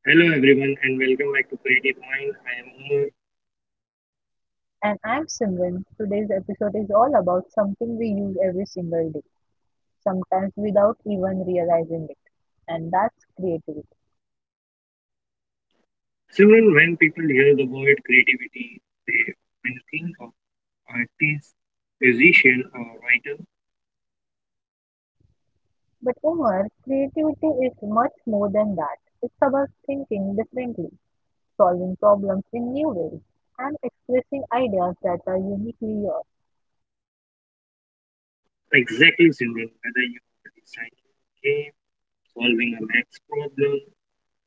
Hello everyone and welcome back to Creative Mind. I am Umar. And I'm Simran. Today's episode is all about something we use every single day, sometimes without even realizing it, and that's creativity. Simran, when people hear the word creativity, they often think of artist, musician or writer. But Omar, creativity is much more than that. It's about thinking differently, solving problems in new ways, and expressing ideas that are uniquely yours. Exactly Simran, whether you are designing a game, solving a maths problem,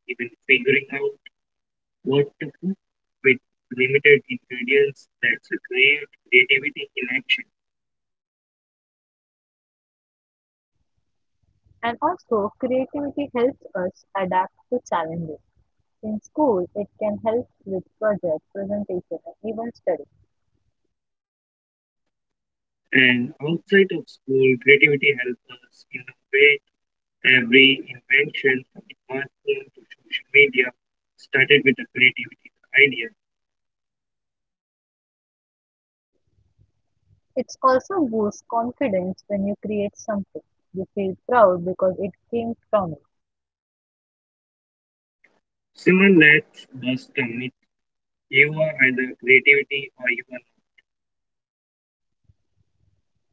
even figuring out what to cook with limited ingredients, that's a great creativity in action. And also, creativity helps us adapt to challenges. In school, it can help with projects, presentation, and even study. And outside of school, creativity helps us in a way. Every invention, in smartphone to social media, started with a creativity idea. It's also boosts confidence when you create something. You feel proud because it came from you. Simran, let's bust the myth. You are either creativity or you are not.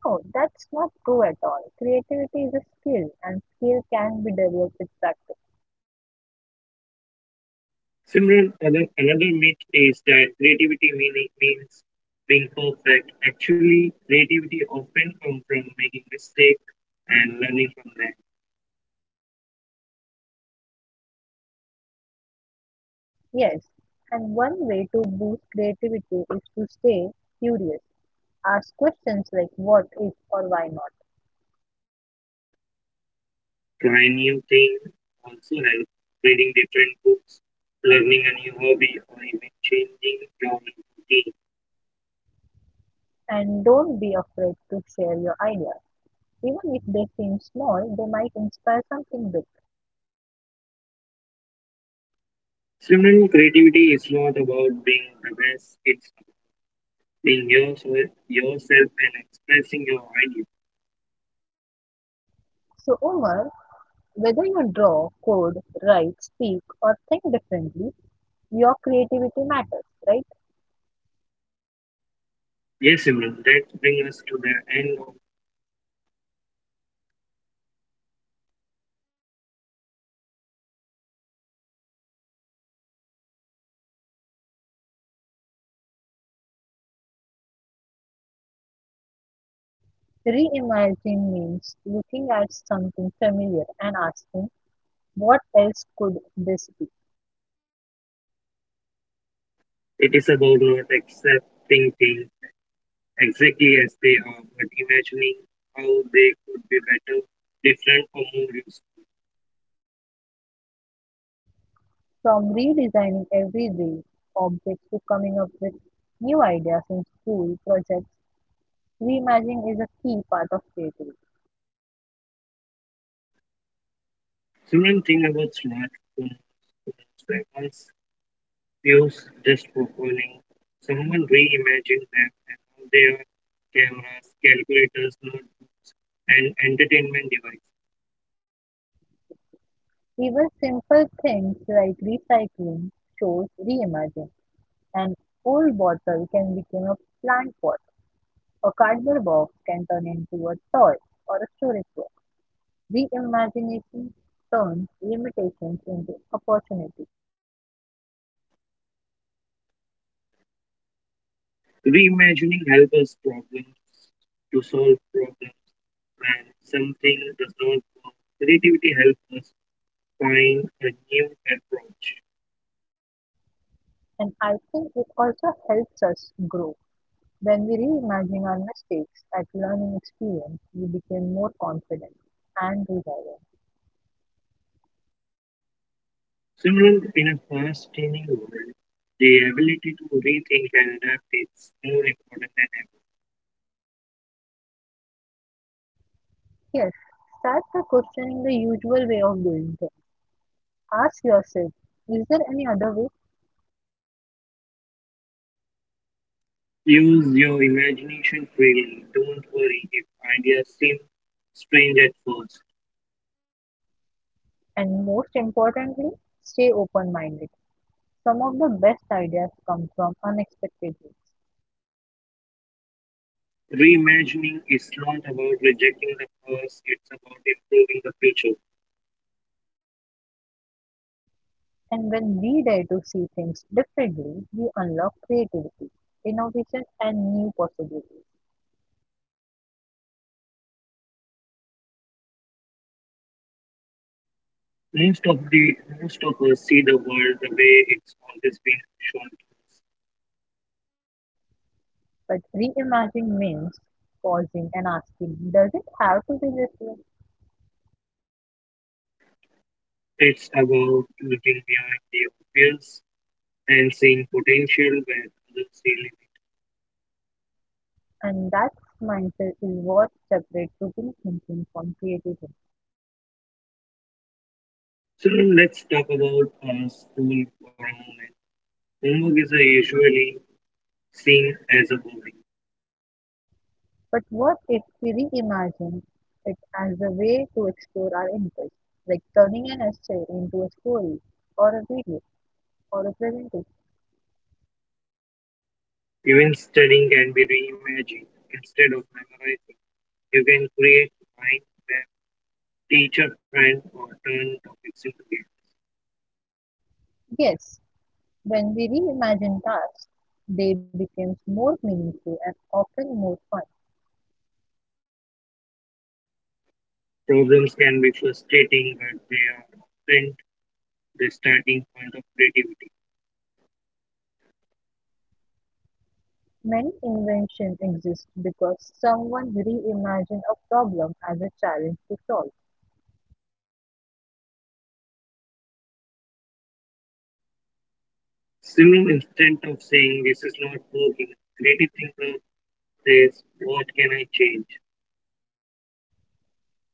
No, that's not true at all. Creativity is a skill and skill can be developed with practice. Simran, another myth is that means being perfect. Actually, creativity often comes from making mistakes and learning from them. Yes, and one way to boost creativity is to stay curious. Ask questions like what if or why not. Trying new things also helps. Reading different books, learning a new hobby, or even changing your routine. And don't be afraid to share your ideas. Even if they seem small, they might inspire something big. Student creativity is not about being the best, it's being yourself and expressing your ideas. So, Omar, whether you draw, code, write, speak, or think differently, your creativity matters, right? Yes, Simran, that brings us to the end. Reimagine means looking at something familiar and asking, what else could this be? It is about not accepting things exactly as they are, but imagining how they could be better, different, or more useful. From redesigning everyday objects to coming up with new ideas in school projects, reimagining is a key part of creativity. Simran, think about phones, weapons, views just for fooling. Someone reimagined them, and now they are cameras, calculators, notebooks, and entertainment devices. Even simple things like recycling shows reimagining. An old bottle can become a plant pot. A cardboard box can turn into a toy or a storage box. Reimagination turns limitations into opportunities. Reimagining helps us problems To solve problems when something does not work, creativity helps us find a new approach. And I think it also helps us grow. When we reimagine our mistakes at learning experience, we become more confident and resilient. Similarly, in a fast-changing world, the ability to rethink and adapt is more important than ever. Yes, start by questioning the usual way of doing things. Ask yourself, is there any other way? Use your imagination freely. Don't worry if ideas seem strange at first. And most importantly, stay open minded. Some of the best ideas come from unexpected ways. Reimagining is not about rejecting the past, it's about improving the future. And when we dare to see things differently, we unlock creativity, innovation, and new possibilities. Most of the Most of us see the world the way it's always been shown to us. But reimagining means pausing and asking, does it have to be this way? It's about looking beyond the obvious and seeing potential where others see limits. And that mindset is what separates routine thinking from creative thinking. So let's talk about school for a moment. Homework is usually seen as a burden. But what if we reimagine it as a way to explore our interests, like turning an essay into a story or a video or a presentation? Even studying can be reimagined. Instead of memorizing, you can create mind map, teacher friend, or turn topics into games. Yes, when we reimagined tasks, they became more meaningful and often more fun. Problems can be frustrating, but they are often the starting point of creativity. Many inventions exist because someone reimagined a problem as a challenge to solve, So instead of saying this is not working, creative thinker says, what can I change?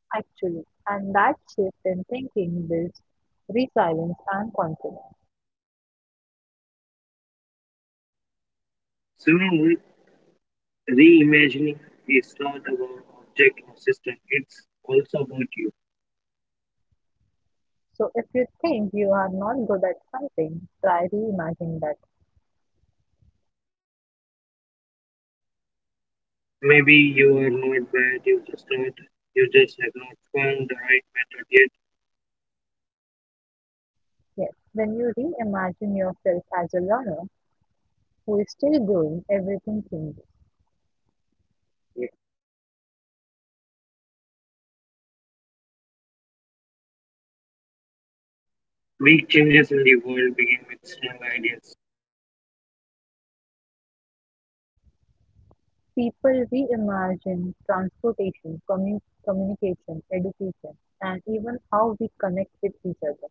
actually, and that shift in thinking builds resilience and confidence. So reimagining is not about object or system, it's also about you. So, if you think you are not good at something, try reimagining that. Maybe you are not bad, you just have not found the right method yet. Yes, when you reimagine yourself as a learner who is still growing, everything changes. Big changes in the world begin with small ideas. People reimagine transportation, communication, education, and even how we connect with each other.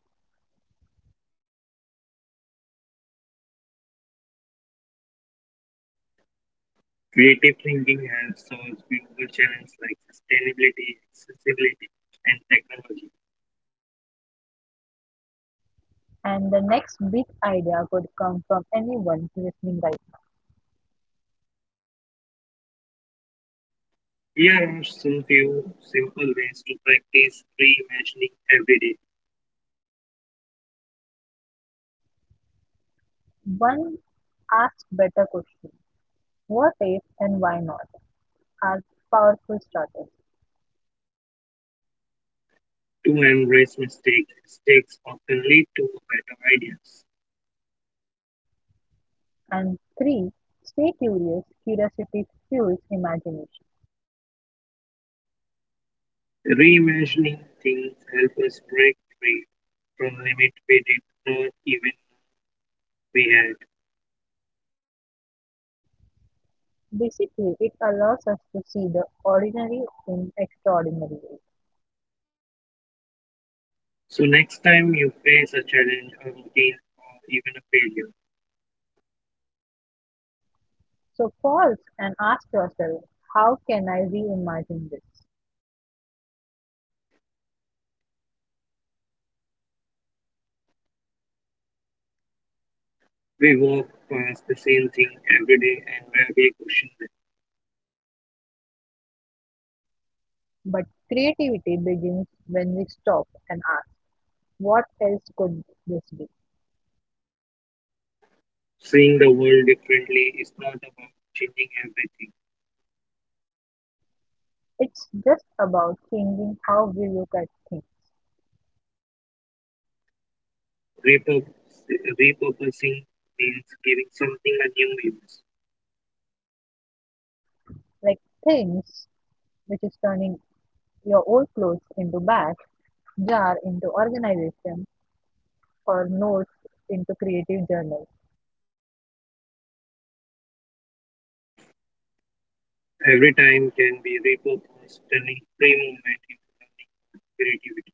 Creative thinking has solved global challenges like sustainability, accessibility, and technology. And the next big idea could come from anyone listening right Here are some few simple ways to practice reimagining every day. now. One asks better questions. What if and why not are powerful starters. To embrace mistakes, mistakes often lead to better ideas. And three, stay curious. Curiosity fuels imagination. Reimagining things help us break free from limit we did not even we had. Basically, it allows us to see the ordinary in extraordinary ways. So next time you face a challenge, a routine, or even a failure, So pause and ask yourself, how can I reimagine this? we walk past the same thing every day and rarely question them. But creativity begins when we stop and ask, what else could this be? Seeing the world differently is not about changing everything. It's just about changing how we look at things, Repurpose, Repurposing means giving something a new use. like things, which is turning your old clothes into bags, jar into organization, or notes into creative journals. Every time can be repurposed, turning free movement into learning creativity.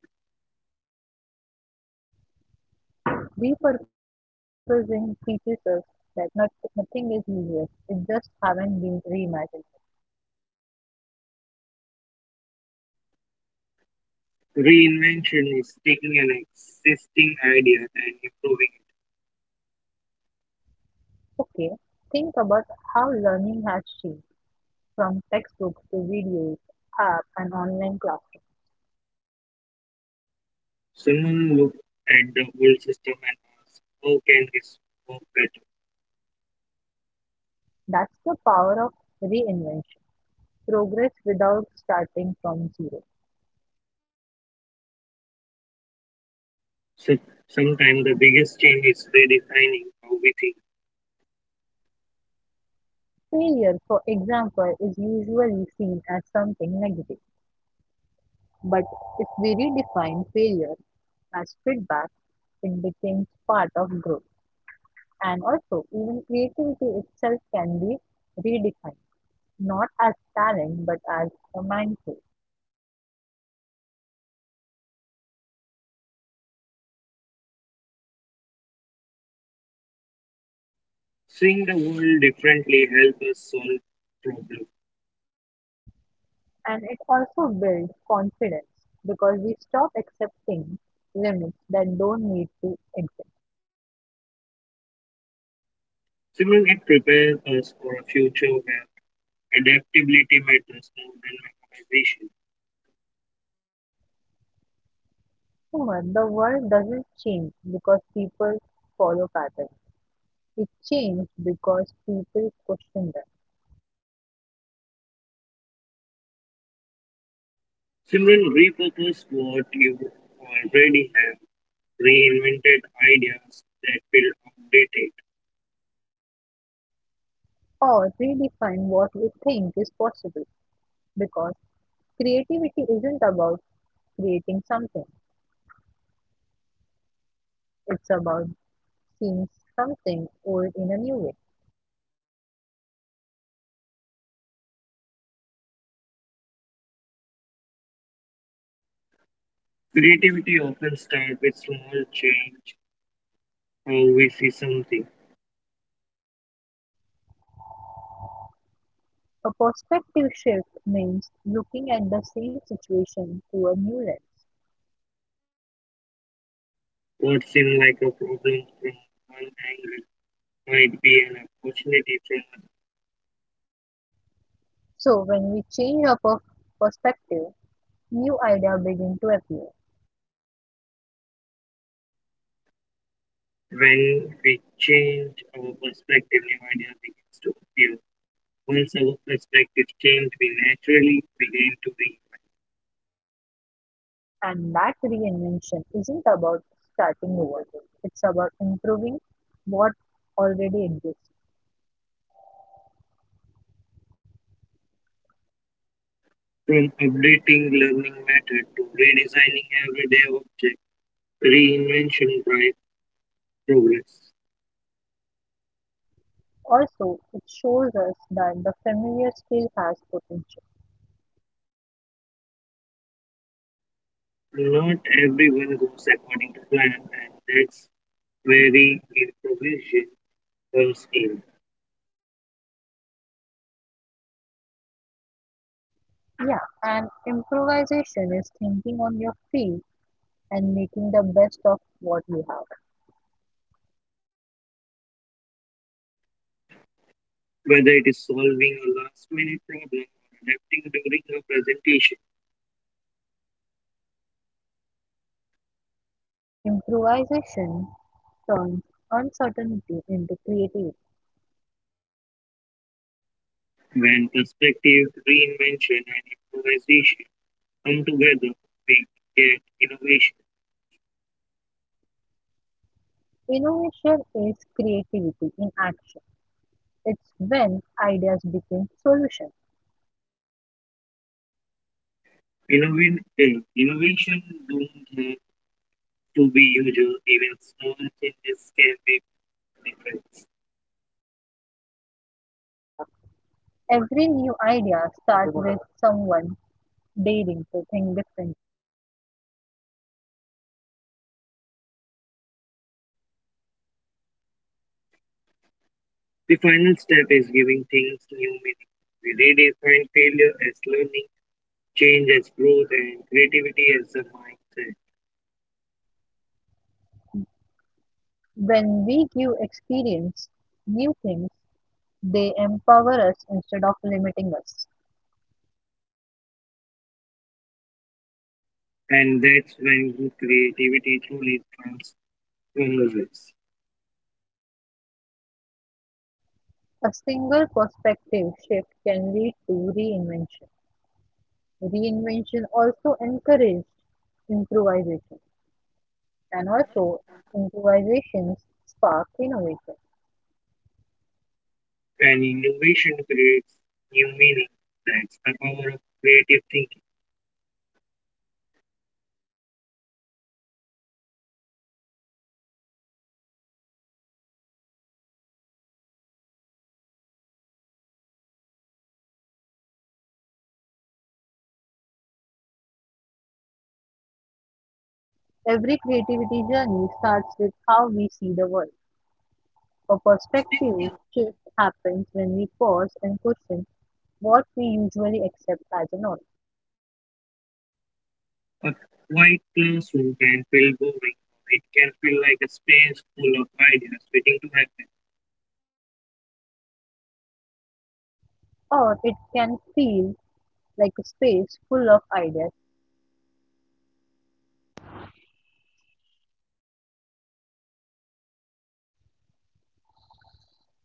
Repurposing teaches us that nothing is useless, it just haven't been reimagined. Reinvention is taking an existing idea and improving. Okay, think about how learning has changed from textbooks to videos, app, and online classroom. Someone looked at the old system and asked, how can this work better? That's the power of reinvention, progress without starting from zero. So, sometimes the biggest change is redefining how we think. Failure, for example, is usually seen as something negative, but if we redefine failure as feedback, it becomes part of growth. And also, even creativity itself can be redefined, not as talent but as a mindset. Seeing the world differently helps us solve problems. And it also builds confidence because we stop accepting limits that don't need to exist. Simon, it prepares us for a future where adaptability matters more than memorization. However, the world doesn't change because people follow patterns. It changes because people question them Simran, repurpose what you already have, reinvented ideas that will outdated. or redefine what we think is possible because creativity isn't about creating something, it's about seeing something old in a new way. Creativity often starts with small change, how we see something. A perspective shift means looking at the same situation through a new lens. What seemed like a problem from one angle might be an opportunity from another. So when we change our perspective, new ideas begin to appear. When we change our perspective, new idea begins to appear. Once our perspective change, we naturally begin to be, And that reinvention isn't about starting over. It's about improving what already exists. from updating learning method to redesigning everyday object, reinvention drives progress. Also, it shows us that the familiar still has potential. Not everyone goes according to plan, and that's where the improvisation comes in, Yeah, and improvisation is thinking on your feet and making the best of what you have. whether it is solving a last minute problem or adapting during a presentation. Improvisation turns uncertainty into creativity. When perspective, reinvention, and improvisation come together, we get innovation. Innovation is creativity in action. It's when ideas became solutions. Innovation don't have to be usual, even small changes can make a difference. Every new idea starts with someone daring to think differently. The final step is giving things new meaning. We redefine failure as learning, change as growth, and creativity as a mindset. When we give experience new things, they empower us instead of limiting us. And that's when creativity truly comes relevance. A single perspective shift can lead to reinvention. Reinvention also encourages improvisation, and also improvisations spark innovation. And innovation creates new meaning. That's the power of creative thinking. Every creativity journey starts with how we see the world. A perspective shift happens when we pause and question what we usually accept as a norm. A quiet classroom can feel boring. It can feel like a space full of ideas waiting to happen. Or it can feel like a space full of ideas.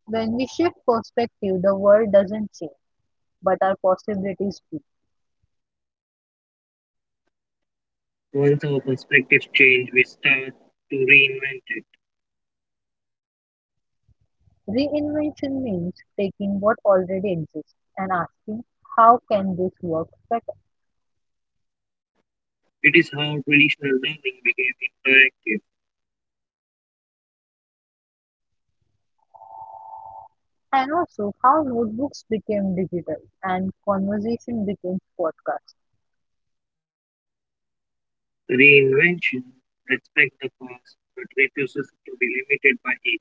When we shift perspective, the world doesn't change, but our possibilities do. Once our perspectives change, we start to reinvent it. Reinvention means taking what already exists and asking how can this work better? It is how traditional learning became interactive. And also how notebooks became digital and conversation became podcasts. Reinvention respects the past but refuses to be limited by it.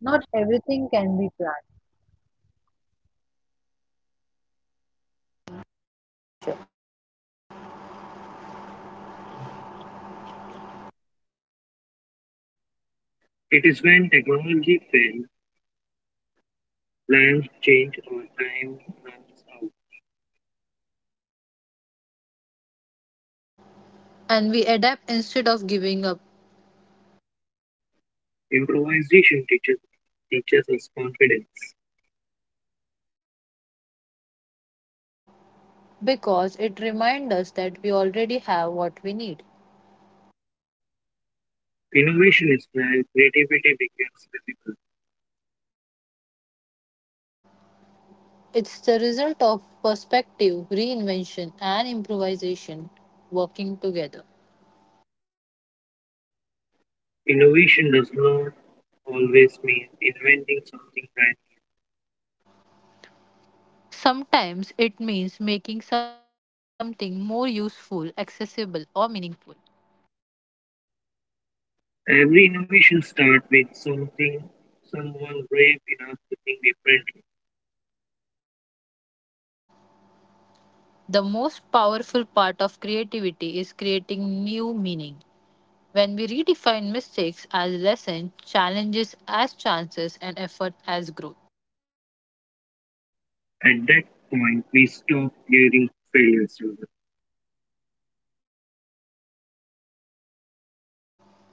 Not everything can be planned It is when technology fails, plans change or time runs out. and we adapt instead of giving up Improvisation teaches, teaches us confidence. because it reminds us that we already have what we need. Innovation is when creativity becomes visible. It's the result of perspective, reinvention, and improvisation working together. Innovation does not always mean inventing something brand Sometimes it means making something more useful, accessible, or meaningful. new. Every innovation starts with something, someone brave enough to think differently. The most powerful part of creativity is creating new meaning. When we redefine mistakes as lessons, challenges as chances, and effort as growth. At that point, we stop hearing failures.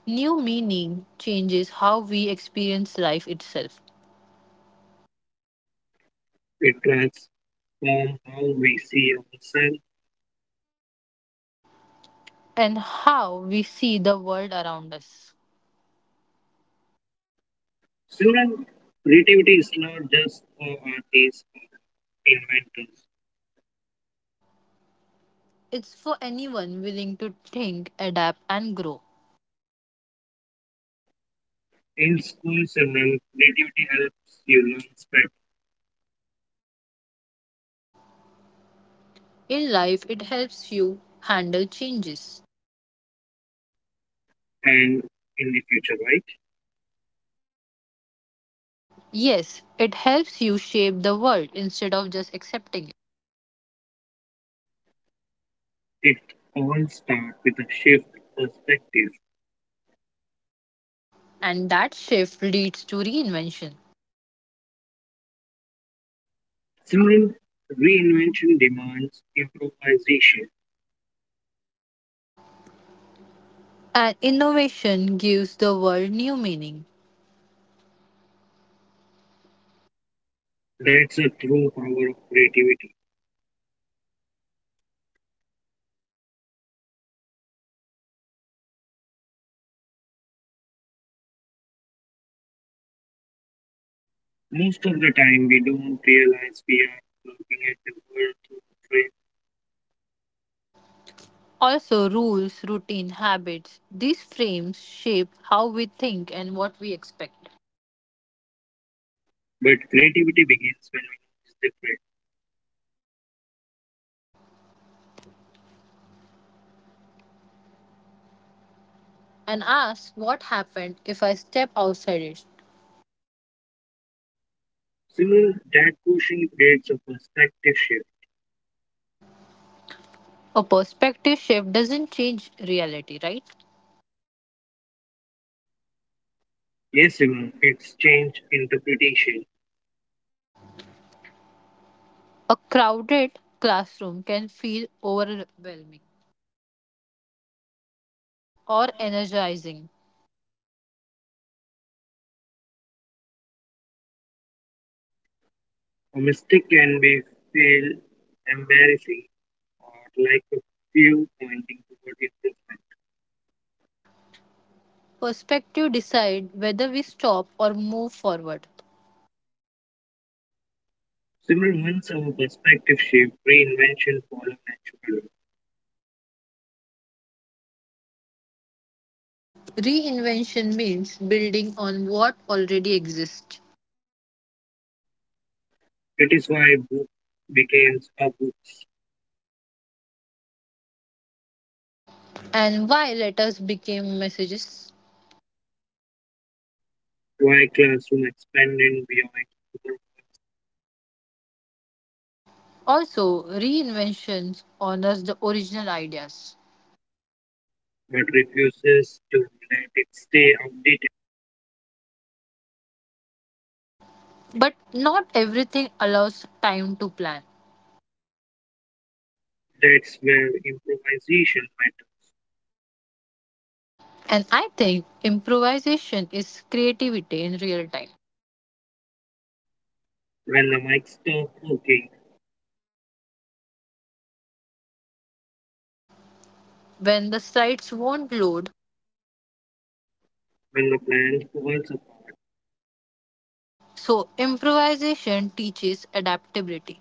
New meaning changes how we experience life itself It transforms how we see ourselves. and how we see the world around us. Student creativity is not just for artists or inventors. It's for anyone willing to think, adapt, and grow. In school segment, creativity helps you learn better In life, it helps you handle changes. and in the future, right? Yes, it helps you shape the world instead of just accepting it. It all starts with a shift perspective. And that shift leads to reinvention. Similar reinvention demands improvisation. And innovation gives the world new meaning. That's a true power of creativity. Most of the time, we don't realize we are looking at the world through a frame, Also, rules, routine, habits, these frames shape how we think and what we expect. but creativity begins when we notice the frame. And ask what happened if I step outside it. Similar, that question creates a perspective shift. A perspective shift doesn't change reality, right? Yes, Simon, it's change interpretation. A crowded classroom can feel overwhelming or energizing. A mistake can be feel embarrassing or like a few pointing toward improvement. Perspective decide whether we stop or move forward. Similar once our perspective shift, reinvention follow naturally. Reinvention means building on what already exists. That is why book became a books, And why letters became messages? why classroom expanded beyond school, Also, reinventions honors the original ideas. but refuses to let it stay outdated. But not everything allows time to plan. That's where improvisation matters. And I think improvisation is creativity in real time. When the mic stops working, When the sites won't load, when the plan falls apart, so improvisation teaches adaptability.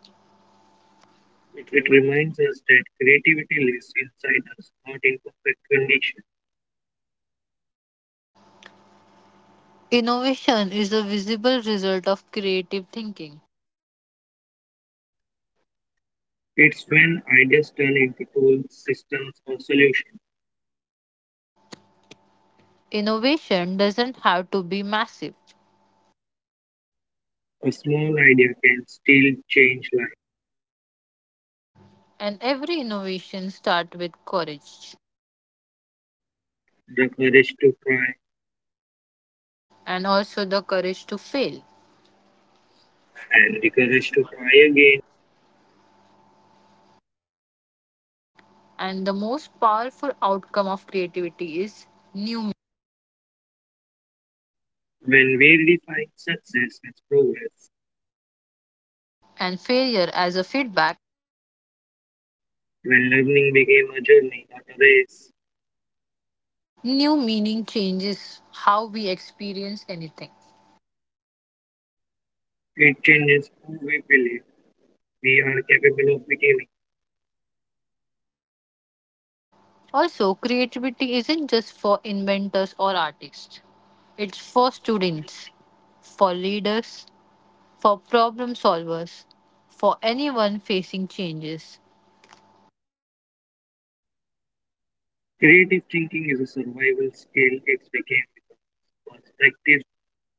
it reminds us that creativity lives inside us, not in perfect condition. Innovation is a visible result of creative thinking. It's when ideas turn into tools, systems, or solutions. Innovation doesn't have to be massive, A small idea can still change life. and every innovation starts with courage The courage to try and also the courage to fail. and the courage to try again. And the most powerful outcome of creativity is new When we define success as progress, and failure as a feedback. when learning became a journey, not a race, New meaning changes how we experience anything. it changes who we believe we are capable of becoming. Also, creativity isn't just for inventors or artists, it's for students, for leaders, for problem solvers, for anyone facing changes. Creative thinking is a survival skill. It became a perspective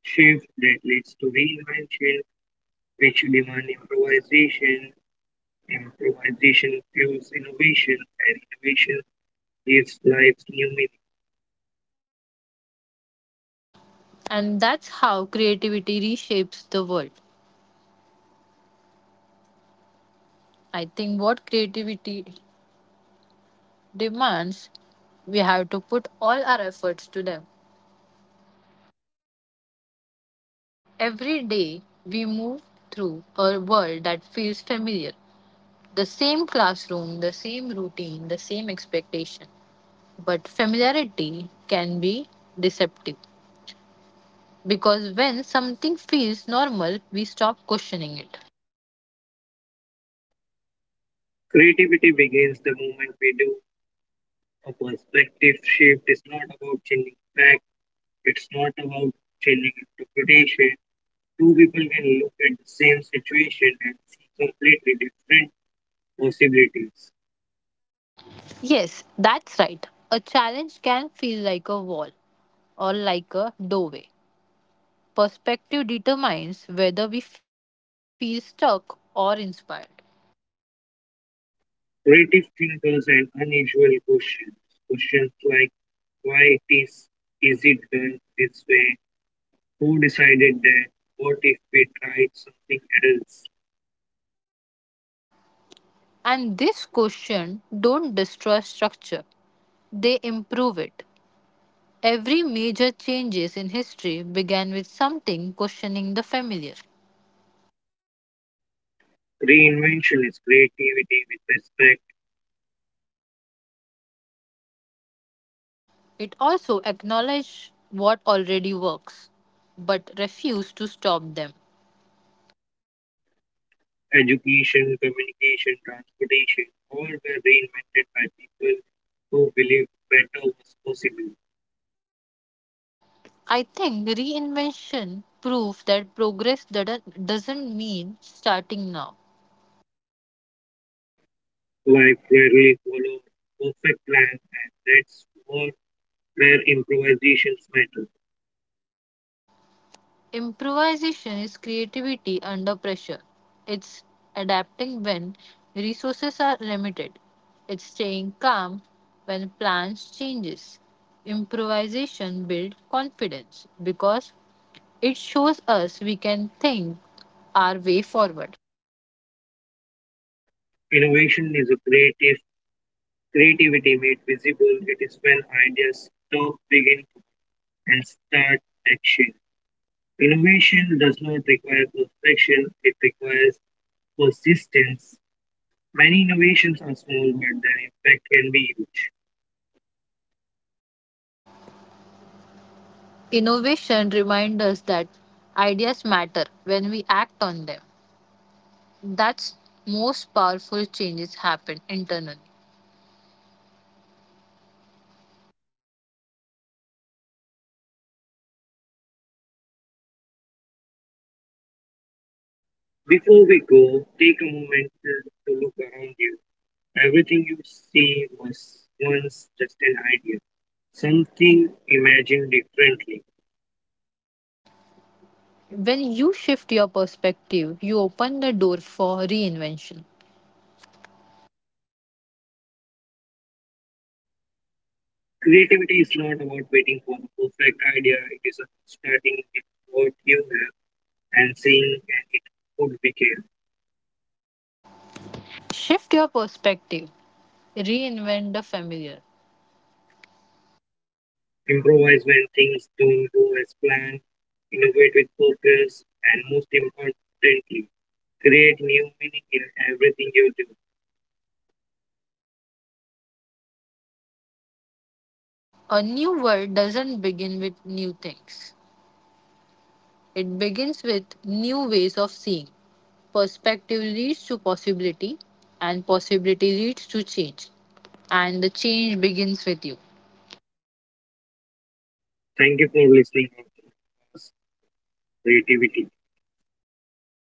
shift that leads to reinvention, which demand improvisation. Improvisation fuels innovation, and innovation gives life new meaning. And that's how creativity reshapes the world. I think what creativity demands, we have to put all our efforts to them. Every day, we move through a world that feels familiar. The same classroom, the same routine, the same expectation. But familiarity can be deceptive because when something feels normal, we stop questioning it. Creativity begins the moment we do a perspective shift. It's not about changing fact. It's not about changing interpretation. Two people can look at the same situation and see completely different possibilities. Yes, that's right. A challenge can feel like a wall or like a doorway. Perspective determines whether we feel stuck or inspired. Creative thinkers and unusual questions. Questions like why it is it done this way? Who decided that? What if we tried something else? And this question don't destroy structure, they improve it. Every major changes in history began with something questioning the familiar. Reinvention is creativity with respect, It also acknowledged what already works, but refused to stop them. education, communication, transportation, all were reinvented by people who believed better was possible. I think reinvention proves that progress doesn't mean starting now. Life rarely followed perfect plans, and that's what where improvisations matter. Improvisation is creativity under pressure. It's adapting when resources are limited. It's staying calm when plans changes. Improvisation builds confidence because it shows us we can think our way forward. Innovation is a creative creativity made visible, it is when ideas stop, begin, and start action. Innovation does not require perfection, it requires persistence. Many innovations are small, but their impact can be huge. Innovation reminds us that ideas matter when we act on them. That's most powerful changes happen internally. Before we go, take a moment to look around you. Everything you see was once just an idea, something imagined differently. When you shift your perspective, you open the door for reinvention. Creativity is not about waiting for the perfect idea, it is about starting with what you have and seeing it could become. Shift your perspective, reinvent the familiar. Improvise when things don't go as planned, innovate with focus, and most importantly, create new meaning in everything you do. A new world doesn't begin with new things, it begins with new ways of seeing. Perspective leads to possibility, and possibility leads to change. And the change begins with you. Thank you for listening to us, creativity. Thank